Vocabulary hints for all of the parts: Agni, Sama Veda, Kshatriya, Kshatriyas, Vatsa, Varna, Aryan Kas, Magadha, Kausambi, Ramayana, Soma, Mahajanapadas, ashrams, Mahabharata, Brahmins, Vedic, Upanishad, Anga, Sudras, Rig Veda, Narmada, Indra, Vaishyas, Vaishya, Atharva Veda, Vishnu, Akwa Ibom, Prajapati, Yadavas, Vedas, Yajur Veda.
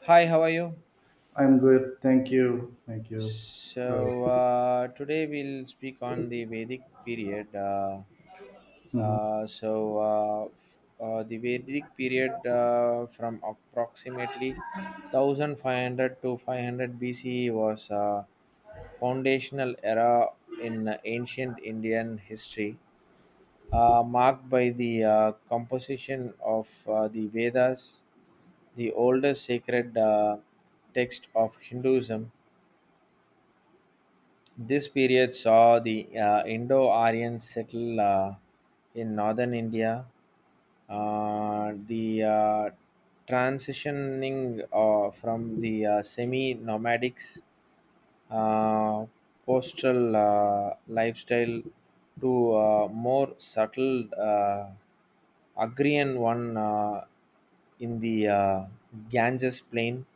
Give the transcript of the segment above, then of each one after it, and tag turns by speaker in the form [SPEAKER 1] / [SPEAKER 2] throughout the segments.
[SPEAKER 1] Hi, how are you?
[SPEAKER 2] I'm good. Thank you. Thank you. Sure.
[SPEAKER 1] So today we'll speak on the Vedic period. Uh,
[SPEAKER 2] Mhm.
[SPEAKER 1] uh, so uh, f- uh, the Vedic period, from approximately 1500 to 500 BCE, was a foundational era in ancient Indian history, marked by the composition of the Vedas, the oldest sacred text of Hinduism. This period saw the Indo Aryan settle in northern India. The Transitioning from the semi nomadics uh, postal lifestyle to more subtle agrarian one, in the Ganges plain.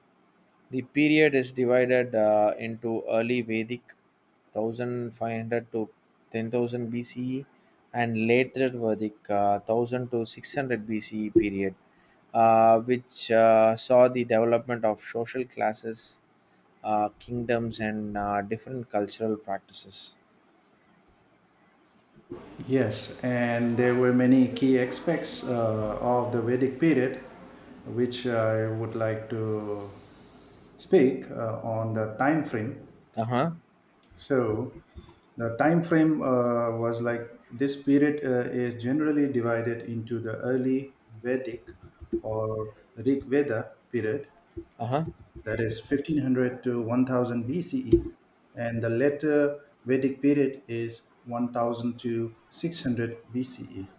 [SPEAKER 1] The period is divided into early Vedic, 1500 to 10,000 BCE, and later Vedic, 1000 to 600 BCE period, which saw the development of social classes, kingdoms and different cultural practices.
[SPEAKER 2] Yes, and there were many key aspects of the Vedic period, which I would like to speak on the time frame.
[SPEAKER 1] Uh huh.
[SPEAKER 2] So, the time frame was like this period is generally divided into the early Vedic or Rig Veda period,
[SPEAKER 1] Uh huh.
[SPEAKER 2] that is 1500 to 1000 BCE, and the later Vedic period is 1000 to 600 BCE.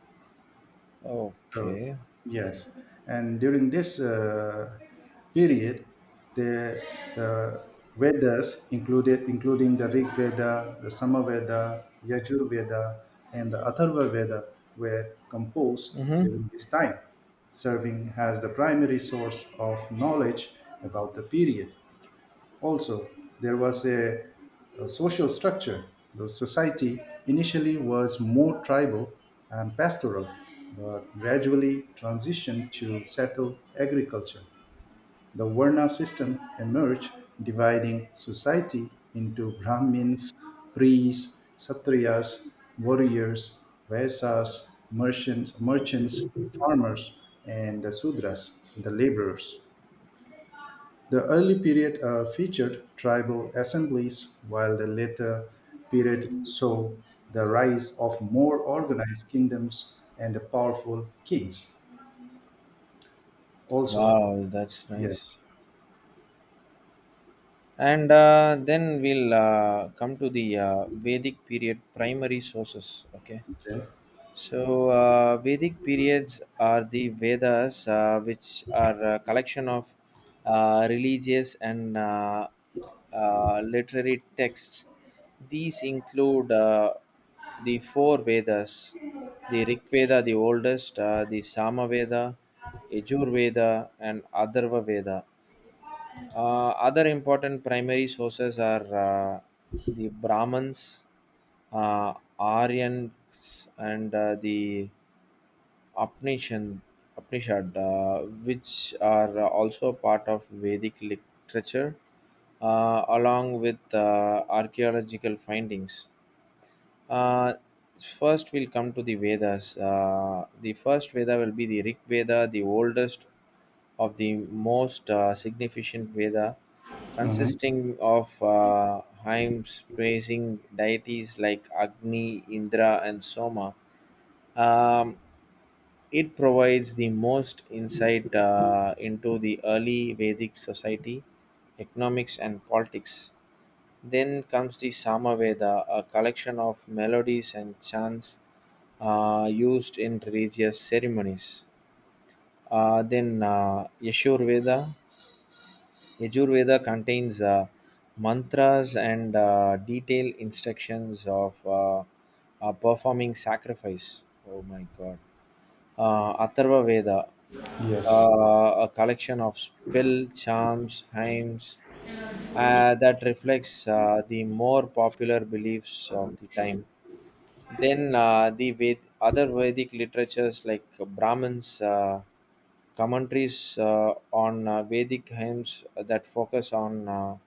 [SPEAKER 2] So,
[SPEAKER 1] Okay.
[SPEAKER 2] yes, and during this period, the, the Vedas included, including the Rig Veda, the Sama Veda, Yajur Veda, and the Atharva Veda were composed
[SPEAKER 1] Mm-hmm.
[SPEAKER 2] during this time, serving as the primary source of knowledge about the period. Also, there was a social structure. The society initially was more tribal and pastoral, but gradually transitioned to settled agriculture. The Varna system emerged, dividing society into Brahmins, priests, Satriyas, warriors, Vaisas, merchants, farmers, and the Sudras, the laborers. The early period featured tribal assemblies, while the later period saw the rise of more organized kingdoms and powerful kings. Also,
[SPEAKER 1] Wow, that's
[SPEAKER 2] yes.
[SPEAKER 1] nice. And then we'll come to the Vedic period primary sources. Okay.
[SPEAKER 2] Okay.
[SPEAKER 1] So, Vedic periods are the Vedas, which are a collection of religious and literary texts. These include the four Vedas: the Rig Veda, the oldest, the Sama Veda, Yajur Veda, and Atharva Veda. Other important primary sources are, the Brahmins, Aryans, and uh, the Upanishad, Upanishad which are also part of Vedic literature, along with archaeological findings. Uh, First, we'll come to the Vedas. The first Veda will be the Rig Veda, the oldest of the most significant Veda,
[SPEAKER 2] Mhm.
[SPEAKER 1] consisting of hymns praising deities like Agni, Indra, and Soma. Um, it provides the most insight into the early Vedic society, economics, and politics. Then comes the Samaveda, a collection of melodies and chants used in religious ceremonies. Then Yajurveda contains mantras and detailed instructions of performing sacrifice. Oh my god. Atharva Veda,
[SPEAKER 2] Yes.
[SPEAKER 1] a collection of spell, charms, hymns that reflects the more popular beliefs of the time. Then other Vedic literatures like Brahmins, commentaries on Vedic hymns that focus on uh,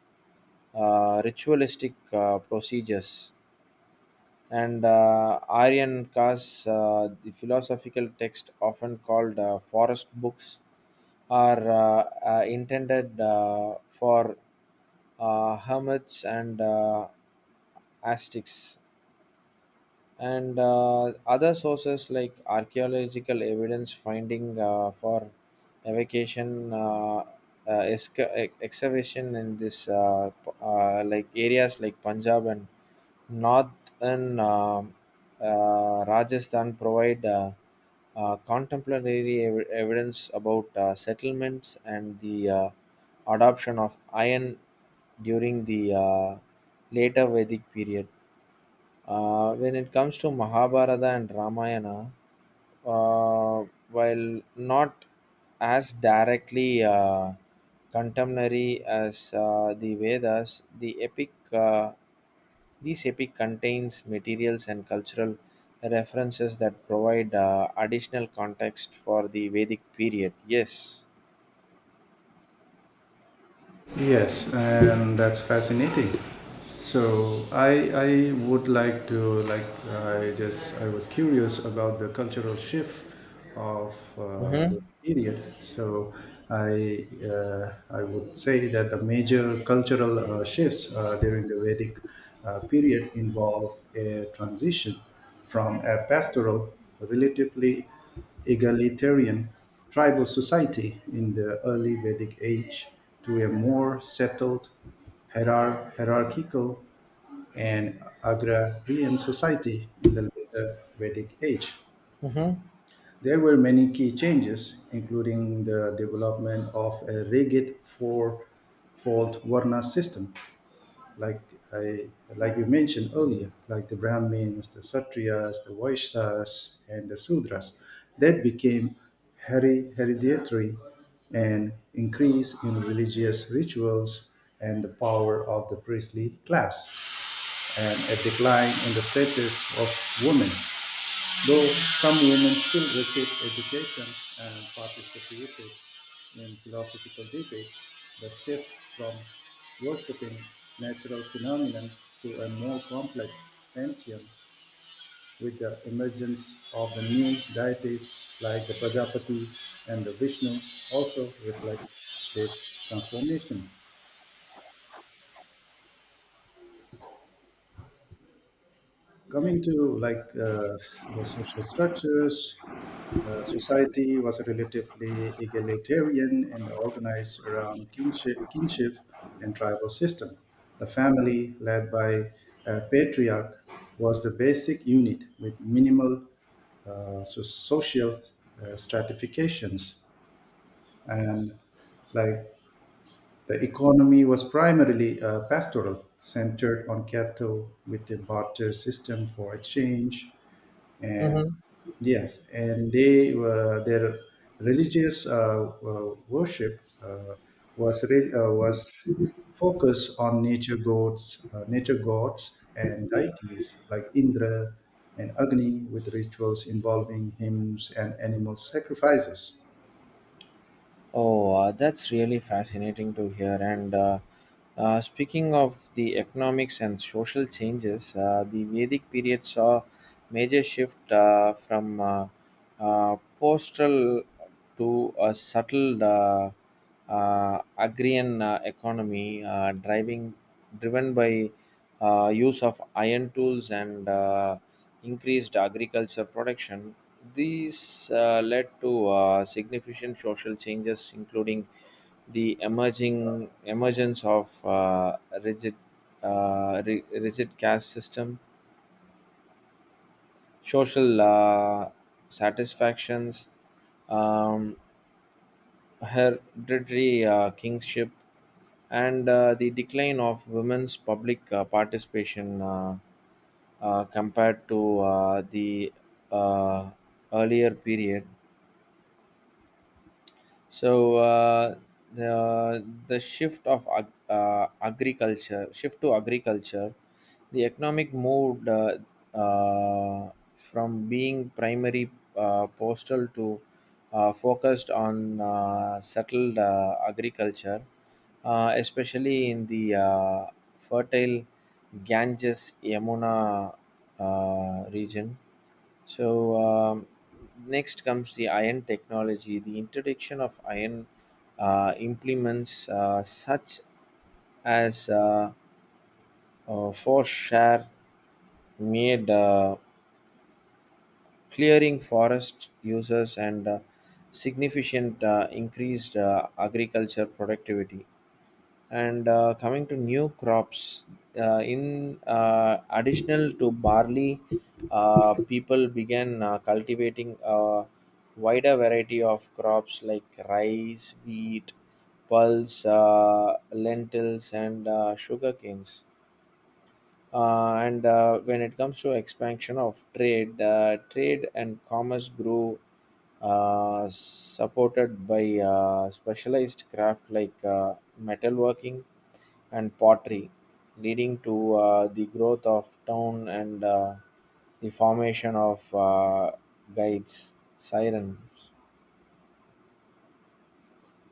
[SPEAKER 1] uh, ritualistic procedures, and Aryan Kas, the philosophical text often called forest books, are intended for hermits and astics, and other sources like archaeological evidence finding for evacuation, uh, excavation in this like areas like Punjab and northern Rajasthan provide contemporary evidence about settlements and the adoption of iron during the later Vedic period. When it comes to Mahabharata and Ramayana, uh, while not as directly contemporary as the Vedas, the epic this epic contains materials and cultural references that provide additional context for the Vedic period. Yes.
[SPEAKER 2] Yes, and that's fascinating. So I would like to, like I was curious about the cultural shift of
[SPEAKER 1] Mm-hmm.
[SPEAKER 2] this period. So I would say that the major cultural shifts during the Vedic period involve a transition from a pastoral, relatively egalitarian tribal society in the early Vedic age to a more settled, hierar- hierarchical, and agrarian society in the later Vedic age.
[SPEAKER 1] Mm-hmm.
[SPEAKER 2] There were many key changes, including the development of a rigid four-fold Varna system, like I like you mentioned earlier, like the Brahmins, the Kshatriyas, the Vaishyas, and the Sudras, that became hereditary, and increase in religious rituals and the power of the priestly class and a decline in the status of women. Though some women still received education and participated in philosophical debates, the shift from worshipping natural phenomena to a more complex pantheon with the emergence of the new deities like the Prajapati and the Vishnu also reflects this transformation. Coming to the social structures, the society was relatively egalitarian and organized around kinship and tribal system. The family, led by a patriarch, was the basic unit with minimal social stratifications, and like the economy was primarily pastoral, centered on cattle with a barter system for exchange. And
[SPEAKER 1] Mm-hmm.
[SPEAKER 2] yes, and they were their religious worship was focused on nature gods, nature gods and deities like Indra and Agni, with rituals involving hymns and animal sacrifices.
[SPEAKER 1] Oh, that's really fascinating to hear. And speaking of the economics and social changes, the Vedic period saw major shift from postal to a subtle. Agrarian economy, driving driven by use of iron tools and increased agriculture production. These led to significant social changes, including the emerging emergence of rigid rigid caste system, social satisfactions, um, hereditary kingship, and the decline of women's public participation, compared to the uh, earlier period. So the shift to agriculture, the economic move uh, from being primary, postal, to focused on settled agriculture, especially in the fertile Ganges Yamuna region. so um, Next comes the iron technology. The introduction of iron implements, such as foreshare made. Clearing forest uses and significant increased agriculture productivity, and coming to new crops, in additional to barley, people began cultivating a wider variety of crops like rice, wheat, pulse, lentils and sugar canes. And When it comes to expansion of trade, trade and commerce grew, supported by specialized craft like metalworking and pottery, leading to the growth of town and the formation of guides, sirens.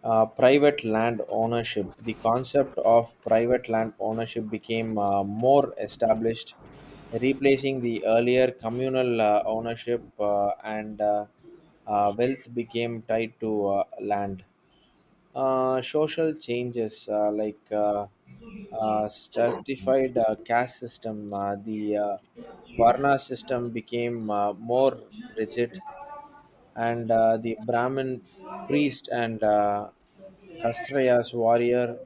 [SPEAKER 1] Private land ownership. The concept of private land ownership became more established, replacing the earlier communal ownership, and wealth became tied to land. Social changes, like stratified caste system, the Varna system became more rigid, and the Brahmin priest and Kshatriya's warrior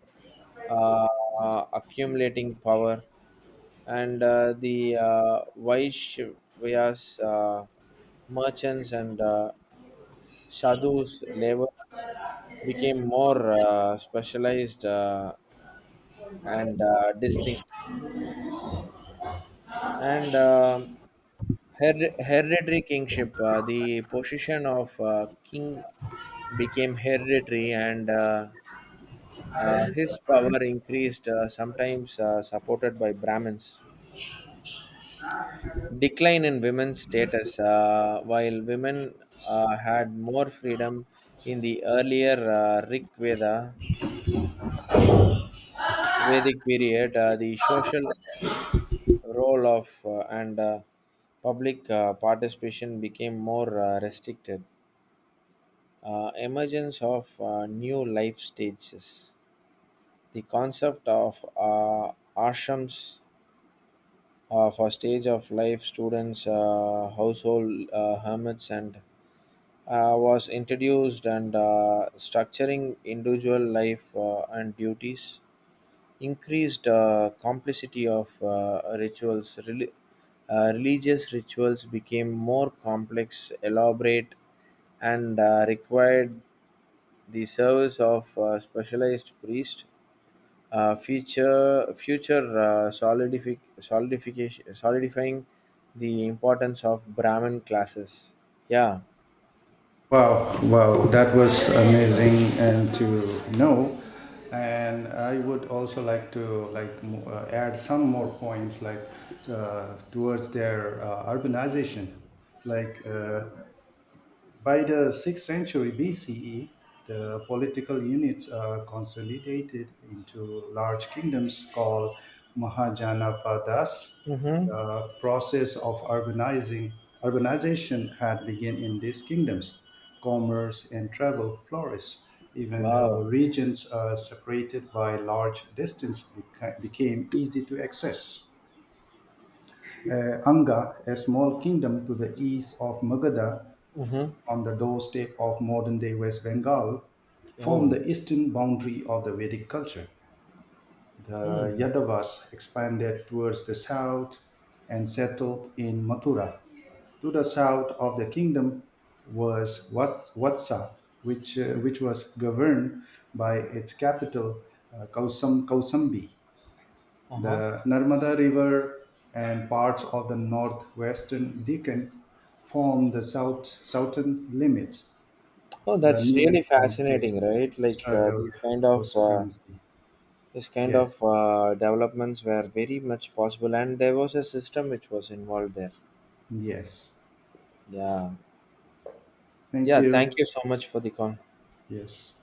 [SPEAKER 1] uh, accumulating power, and the Vaishya's merchants and sadhus labors became more specialized and distinct. And Her- hereditary kingship. The position of king became hereditary, and his power increased, sometimes supported by Brahmins. Decline in women's status. While women had more freedom in the earlier Rig Veda, Vedic period, the social role of and public participation became more restricted. Emergence of new life stages. The concept of ashrams, for stage of life, students, household, hermits and was introduced, and structuring individual life and duties. Increased complicity of rituals. Religious rituals became more complex, elaborate, and required the service of specialized priest, future future solidific, solidification solidifying the importance of Brahmin classes. Yeah.
[SPEAKER 2] Wow, wow, that was amazing and to know. And I would also like to add some more points, like towards their urbanization. Like by the 6th century BCE, the political units are consolidated into large kingdoms called Mahajanapadas.
[SPEAKER 1] Mm-hmm.
[SPEAKER 2] The process of urbanization had begun in these kingdoms. Commerce and travel flourished. Even
[SPEAKER 1] Wow.
[SPEAKER 2] regions separated by large distance became easy to access. Anga, a small kingdom to the east of Magadha,
[SPEAKER 1] Mm-hmm.
[SPEAKER 2] on the doorstep of modern day West Bengal, formed
[SPEAKER 1] Oh.
[SPEAKER 2] the eastern boundary of the Vedic culture. The
[SPEAKER 1] Hmm.
[SPEAKER 2] Yadavas expanded towards the south and settled in Mathura. To the south of the kingdom was Vatsa, which was governed by its capital, Kausambi.
[SPEAKER 1] Uh-huh.
[SPEAKER 2] The Narmada River and parts of the northwestern Deccan form the southern limits.
[SPEAKER 1] Oh,
[SPEAKER 2] The
[SPEAKER 1] that's
[SPEAKER 2] newly
[SPEAKER 1] really
[SPEAKER 2] formed states
[SPEAKER 1] fascinating, right? Like
[SPEAKER 2] struggle
[SPEAKER 1] these kind
[SPEAKER 2] for
[SPEAKER 1] of
[SPEAKER 2] supremacy.
[SPEAKER 1] This kind
[SPEAKER 2] Yes,
[SPEAKER 1] of developments were very much possible, and there was a system which was involved there.
[SPEAKER 2] yes.
[SPEAKER 1] Yeah.
[SPEAKER 2] Thank
[SPEAKER 1] Yeah. Thank
[SPEAKER 2] you.
[SPEAKER 1] you so much for the con.
[SPEAKER 2] Yes.